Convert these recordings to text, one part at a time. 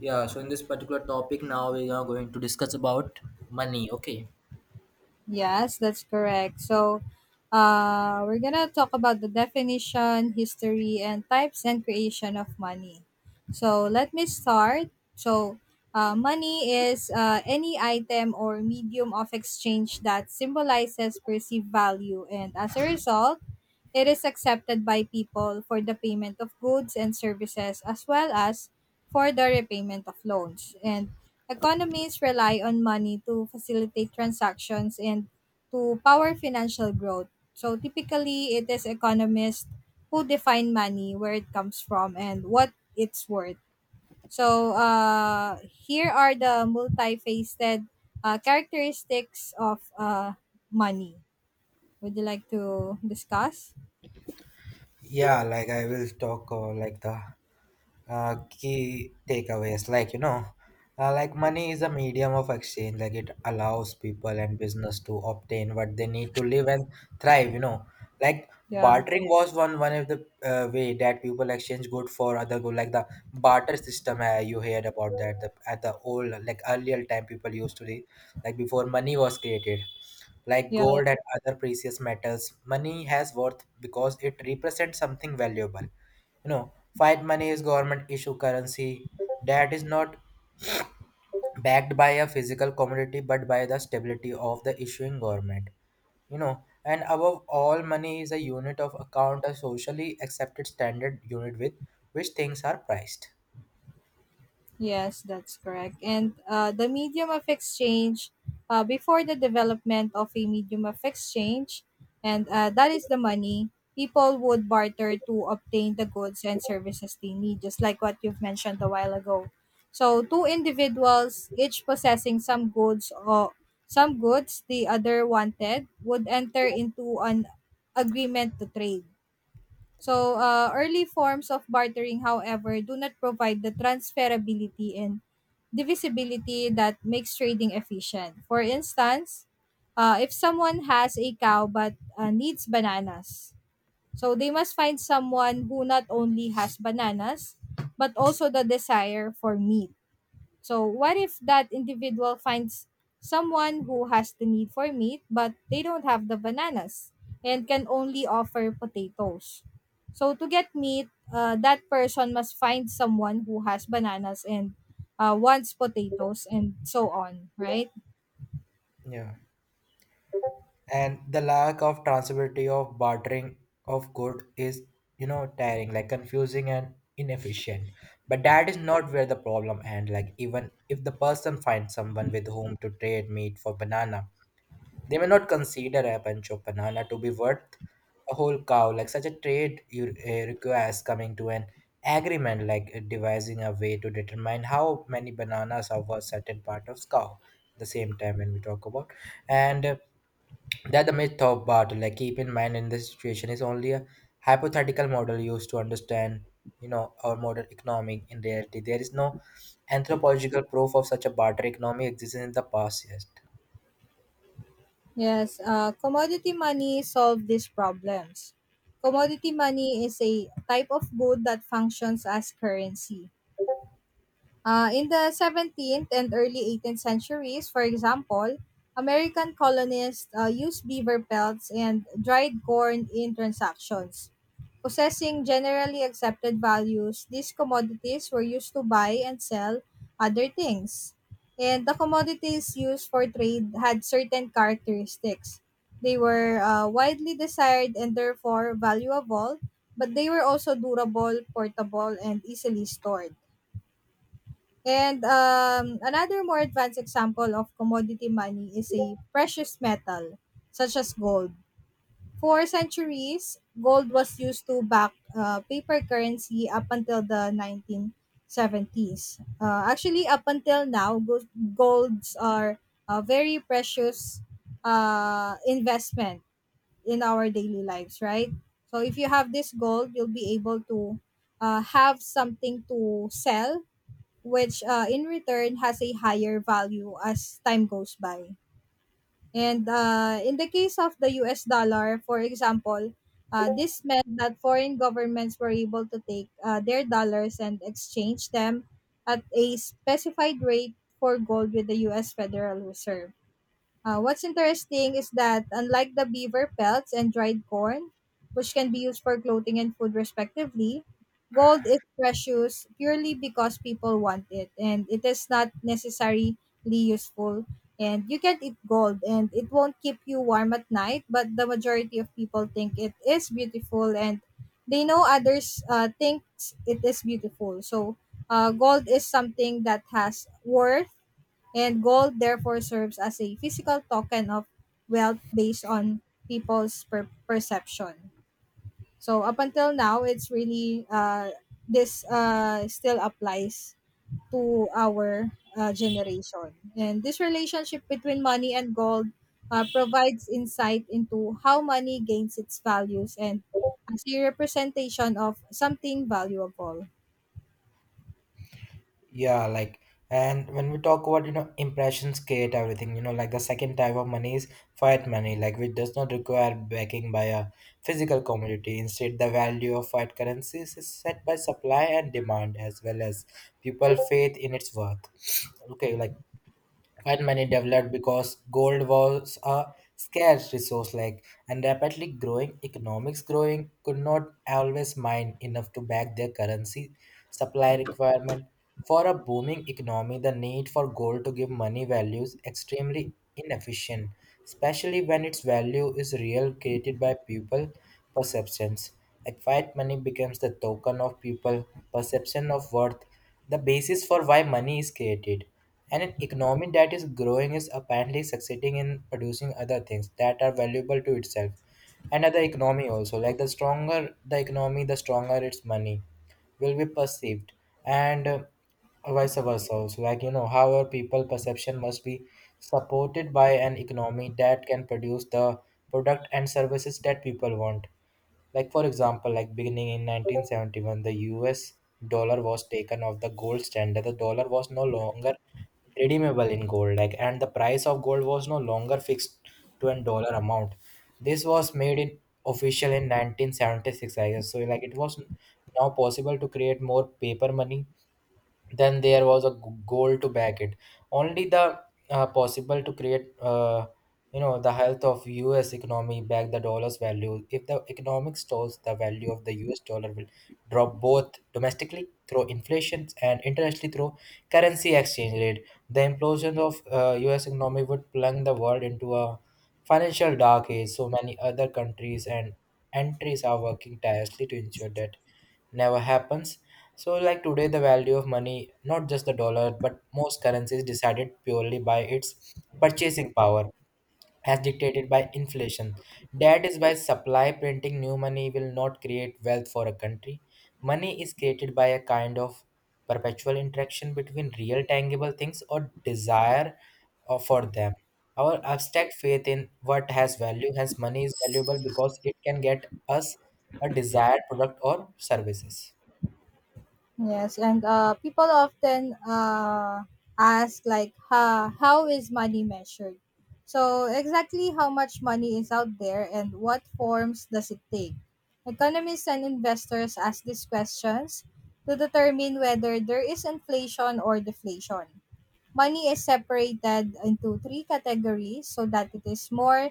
Yeah, so in this particular topic, now we are going to discuss about money. Okay. Yes, that's correct. So, we're gonna talk about the definition, history, and types and creation of money. So, let me start. So, money is any item or medium of exchange that symbolizes perceived value, and as a result, it is accepted by people for the payment of goods and services as well as for the repayment of loans. And economies rely on money to facilitate transactions and to power financial growth. So typically, it is economists who define money, where it comes from, and what it's worth. So here are the multifaceted characteristics of money. Would you like to discuss? Yeah, like I will talk like the key takeaways. Money is a medium of exchange. Like it allows people and business to obtain what they need to live and thrive. You know, like Yeah. bartering was one of the way that people exchange good for other good. Like the barter system, you heard about that. The, at the old like earlier time, people used to live like before money was created. Like Yeah, gold and other precious metals, money has worth because it represents something valuable. You know, fiat money is government issue currency that is not backed by a physical commodity but by the stability of the issuing government. You know, and above all, money is a unit of account, a socially accepted standard unit with which things are priced. yes, that's correct. And the medium of exchange, before the development of a medium of exchange, and that is the money, people would barter to obtain the goods and services they need, just like what you've mentioned a while ago. So, two individuals, each possessing some goods or some goods the other wanted, would enter into an agreement to trade. So, early forms of bartering, however, do not provide the transferability and divisibility that makes trading efficient. For instance, if someone has a cow but needs bananas, so they must find someone who not only has bananas but also the desire for meat. So, what if that individual finds someone who has the need for meat, but they don't have the bananas and can only offer potatoes? So, to get meat, that person must find someone who has bananas and wants potatoes and so on, right? Yeah. And the lack of transferability of bartering of good is, you know, tiring, like confusing and inefficient, but that is not where the problem end. Like even if the person finds someone with whom to trade meat for banana, they may not consider a bunch of banana to be worth a whole cow. Like such a trade you requires coming to an agreement, like devising a way to determine how many bananas are worth certain part of cow. The same time when we talk about, and that the myth of barter, like keep in mind, in this situation is only a hypothetical model used to understand, you know, our modern economic. In reality there is no anthropological proof of such a barter economy existing in the past yet. Yes, commodity money solve these problems. Commodity money is a type of good that functions as currency. In the 17th and early 18th centuries, for example, American colonists used beaver pelts and dried corn in transactions. Possessing generally accepted values, these commodities were used to buy and sell other things. And the commodities used for trade had certain characteristics. They were widely desired and therefore valuable, but they were also durable, portable, and easily stored. And another more advanced example of commodity money is a precious metal, such as gold. For centuries, gold was used to back paper currency up until the 1970s. Actually, up until now, golds are a very precious investment in our daily lives, right? So if you have this gold, you'll be able to have something to sell which in return has a higher value as time goes by. And in the case of the US dollar, for example, this meant that foreign governments were able to take their dollars and exchange them at a specified rate for gold with the US Federal Reserve. What's interesting is that unlike the beaver pelts and dried corn, which can be used for clothing and food respectively, gold is precious purely because people want it and it is not necessarily useful. And you can eat gold and it won't keep you warm at night, but the majority of people think it is beautiful and they know others think it is beautiful. So gold is something that has worth and gold therefore serves as a physical token of wealth based on perception. So up until now, it's really this still applies to our generation. And this relationship between money and gold provides insight into how money gains its values and as a representation of something valuable. Yeah, like, and when we talk about, you know, impressions create everything, you know, like the second type of money is fiat money, like, which does not require backing by a physical commodity. Instead, the value of fiat currencies is set by supply and demand as well as people faith in its worth. Okay. like. And money developed because gold was a scarce resource, like and rapidly growing economics growing could not always mine enough to back their currency supply requirement. For a booming economy, the need for gold to give money value is extremely inefficient, especially when its value is real created by people perceptions. Acquired money becomes the token of people perception of worth, the basis for why money is created. And an economy that is growing is apparently succeeding in producing other things that are valuable to itself and other economy also. Like the stronger the economy, the stronger its money will be perceived, and vice versa also. Like you know how our people perception must be supported by an economy that can produce the product and services that people want. Like for example, like beginning in 1971, the us dollar was taken off the gold standard. The dollar was no longer redeemable in gold, like and the price of gold was no longer fixed to a dollar amount. This was made in official in 1976, I guess. So like it was now possible to create more paper money then there was a goal to back it. Only the possible to create, you know, the health of us economy back the dollar's value. If the economic stalls, the value of the us dollar will drop both domestically through inflation and internationally through currency exchange rate. The implosion of us economy would plunge the world into a financial dark age, so many other countries and entries are working tirelessly to ensure that never happens. So, like today, the value of money, not just the dollar, but most currencies decided purely by its purchasing power, as dictated by inflation. That is why supply printing new money will not create wealth for a country. Money is created by a kind of perpetual interaction between real tangible things or desire for them. Our abstract faith in what has value, hence, money is valuable because it can get us a desired product or services. Yes, and people often ask like, how is money measured? So exactly how much money is out there and what forms does it take? Economists and investors ask these questions to determine whether there is inflation or deflation. Money is separated into three categories so that it is more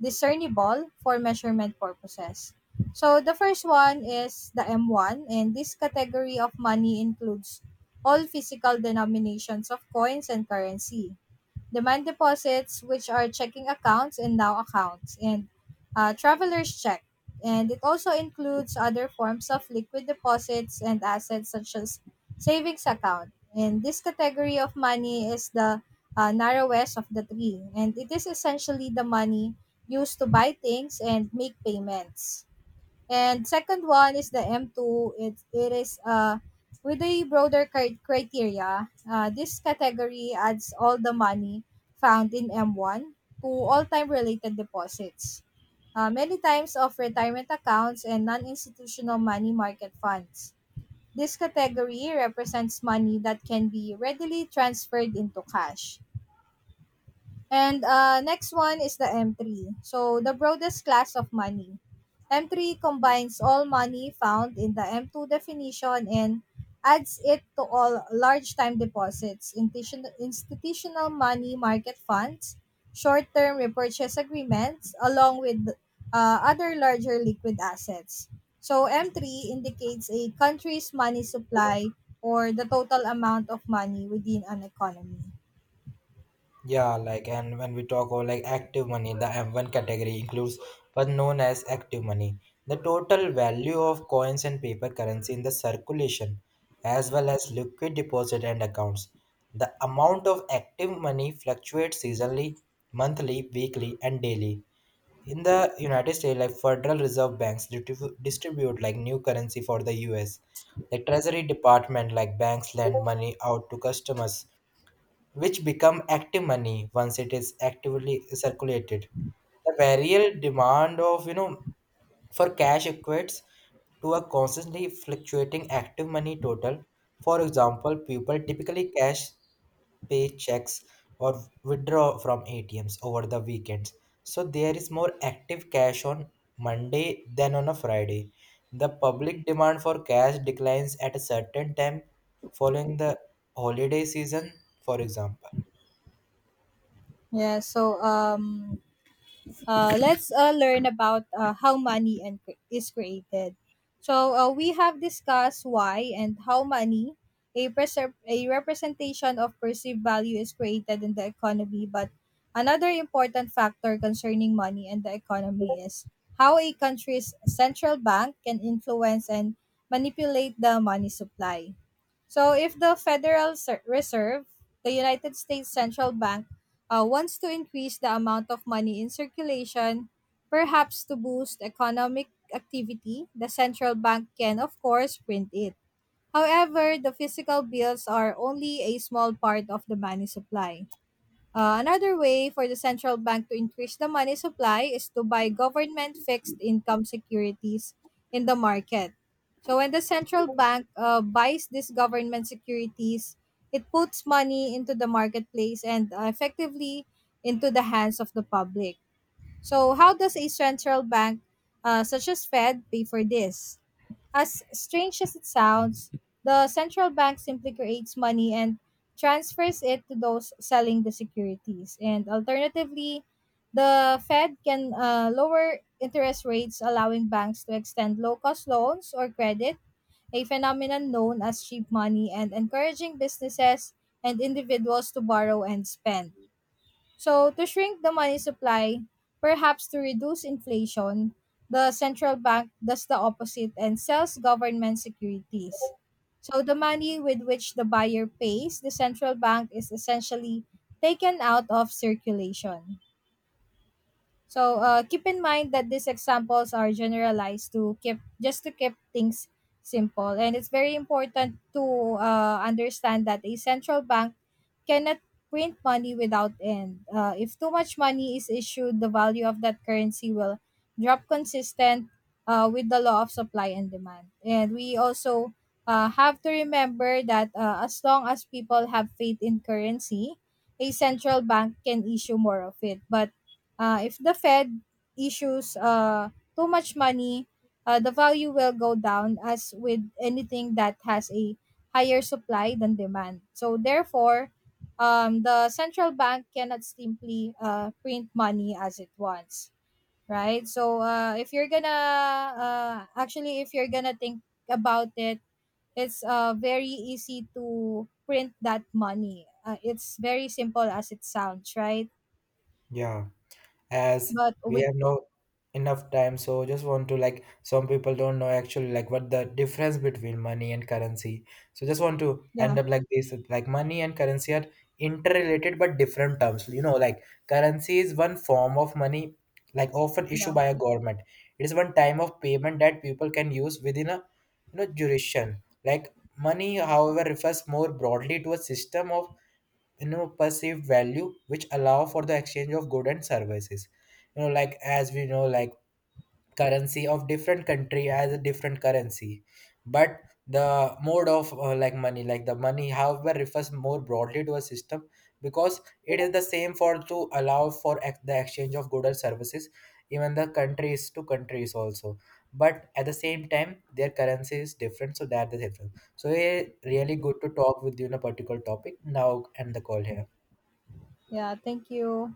discernible for measurement purposes. So the first one is the m one, and this category of money includes all physical denominations of coins and currency demand deposits, which are checking accounts and now accounts, and traveler's check. And it also includes other forms of liquid deposits and assets such as savings account. And this category of money is the narrowest of the three, and it is essentially the money used to buy things and make payments. And second one is the m two. It is with a broader criteria. This category adds all the money found in m one to all-time related deposits, many times of retirement accounts and non-institutional money market funds. This category represents money that can be readily transferred into cash. And next one is the M3. So the broadest class of money. M3 combines all money found in the M2 definition and adds it to all large time deposits, institutional money market funds, short term repurchase agreements, along with other larger liquid assets. So M3 indicates a country's money supply or the total amount of money within an economy. Yeah, like and when we talk about like active money, the M1 category includes what's known as active money, the total value of coins and paper currency in the circulation, as well as liquid deposit and accounts. The amount of active money fluctuates seasonally, monthly, weekly, and daily. In the United States, like Federal Reserve banks distribute like new currency for the US. The Treasury Department, like banks, lend money out to customers which become active money once it is actively circulated. The variable demand of, you know, for cash equates to a constantly fluctuating active money total. For example, people typically cash paychecks or withdraw from ATMs over the weekends. So there is more active cash on Monday than on a Friday. The public demand for cash declines at a certain time following the holiday season, for example. Yeah, so let's learn about how is created. So we have discussed why and how money, a representation of perceived value, is created in the economy. But another important factor concerning money and the economy is how a country's central bank can influence and manipulate the money supply. So, if the Reserve, the United States Central Bank, wants to increase the amount of money in circulation, perhaps to boost economic activity, the central bank can, of course, print it. However, the physical bills are only a small part of the money supply. Another way for the central bank to increase the money supply is to buy government fixed income securities in the market. So when the central bank buys these government securities, it puts money into the marketplace and effectively into the hands of the public. So how does a central bank such as Fed pay for this? As strange as it sounds, the central bank simply creates money and transfers it to those selling the securities. And alternatively, the Fed can lower interest rates, allowing banks to extend low cost loans or credit, a phenomenon known as cheap money, and encouraging businesses and individuals to borrow and spend. So, to shrink the money supply, perhaps to reduce inflation, the central bank does the opposite and sells government securities. So, the money with which the buyer pays the central bank is essentially taken out of circulation. So keep in mind that these examples are generalized to keep just to keep things simple, and it's very important to understand that a central bank cannot print money without end. If too much money is issued, the value of that currency will drop consistent with the law of supply and demand. And we also have to remember that as long as people have faith in currency, a central bank can issue more of it. But if the Fed issues too much money, the value will go down as with anything that has a higher supply than demand. So therefore, the central bank cannot simply print money as it wants, right? So if you're gonna actually if you're gonna think about it, it's very easy to print that money. It's very simple as it sounds, right? Yeah, as But we we have no enough time, so just want to, like, some people don't know actually like what the difference between money and currency. So just want to end yeah up like this. Like money and currency are interrelated but different terms. You know, like currency is one form of money, like often issued yeah. by a government. It is one time of payment that people can use within a, you know, jurisdiction. Like money, however, refers more broadly to a system of, you know, perceived value which allow for the exchange of goods and services. You know, like as we know, like currency of different country has a different currency, but the mode of like money, like the money however refers more broadly to a system because it is the same for to allow for the exchange of goods and services, even the countries to countries also, but at the same time their currency is different, so that the difference. So it's really good to talk with you on a particular topic now and the call here. Yeah, thank you.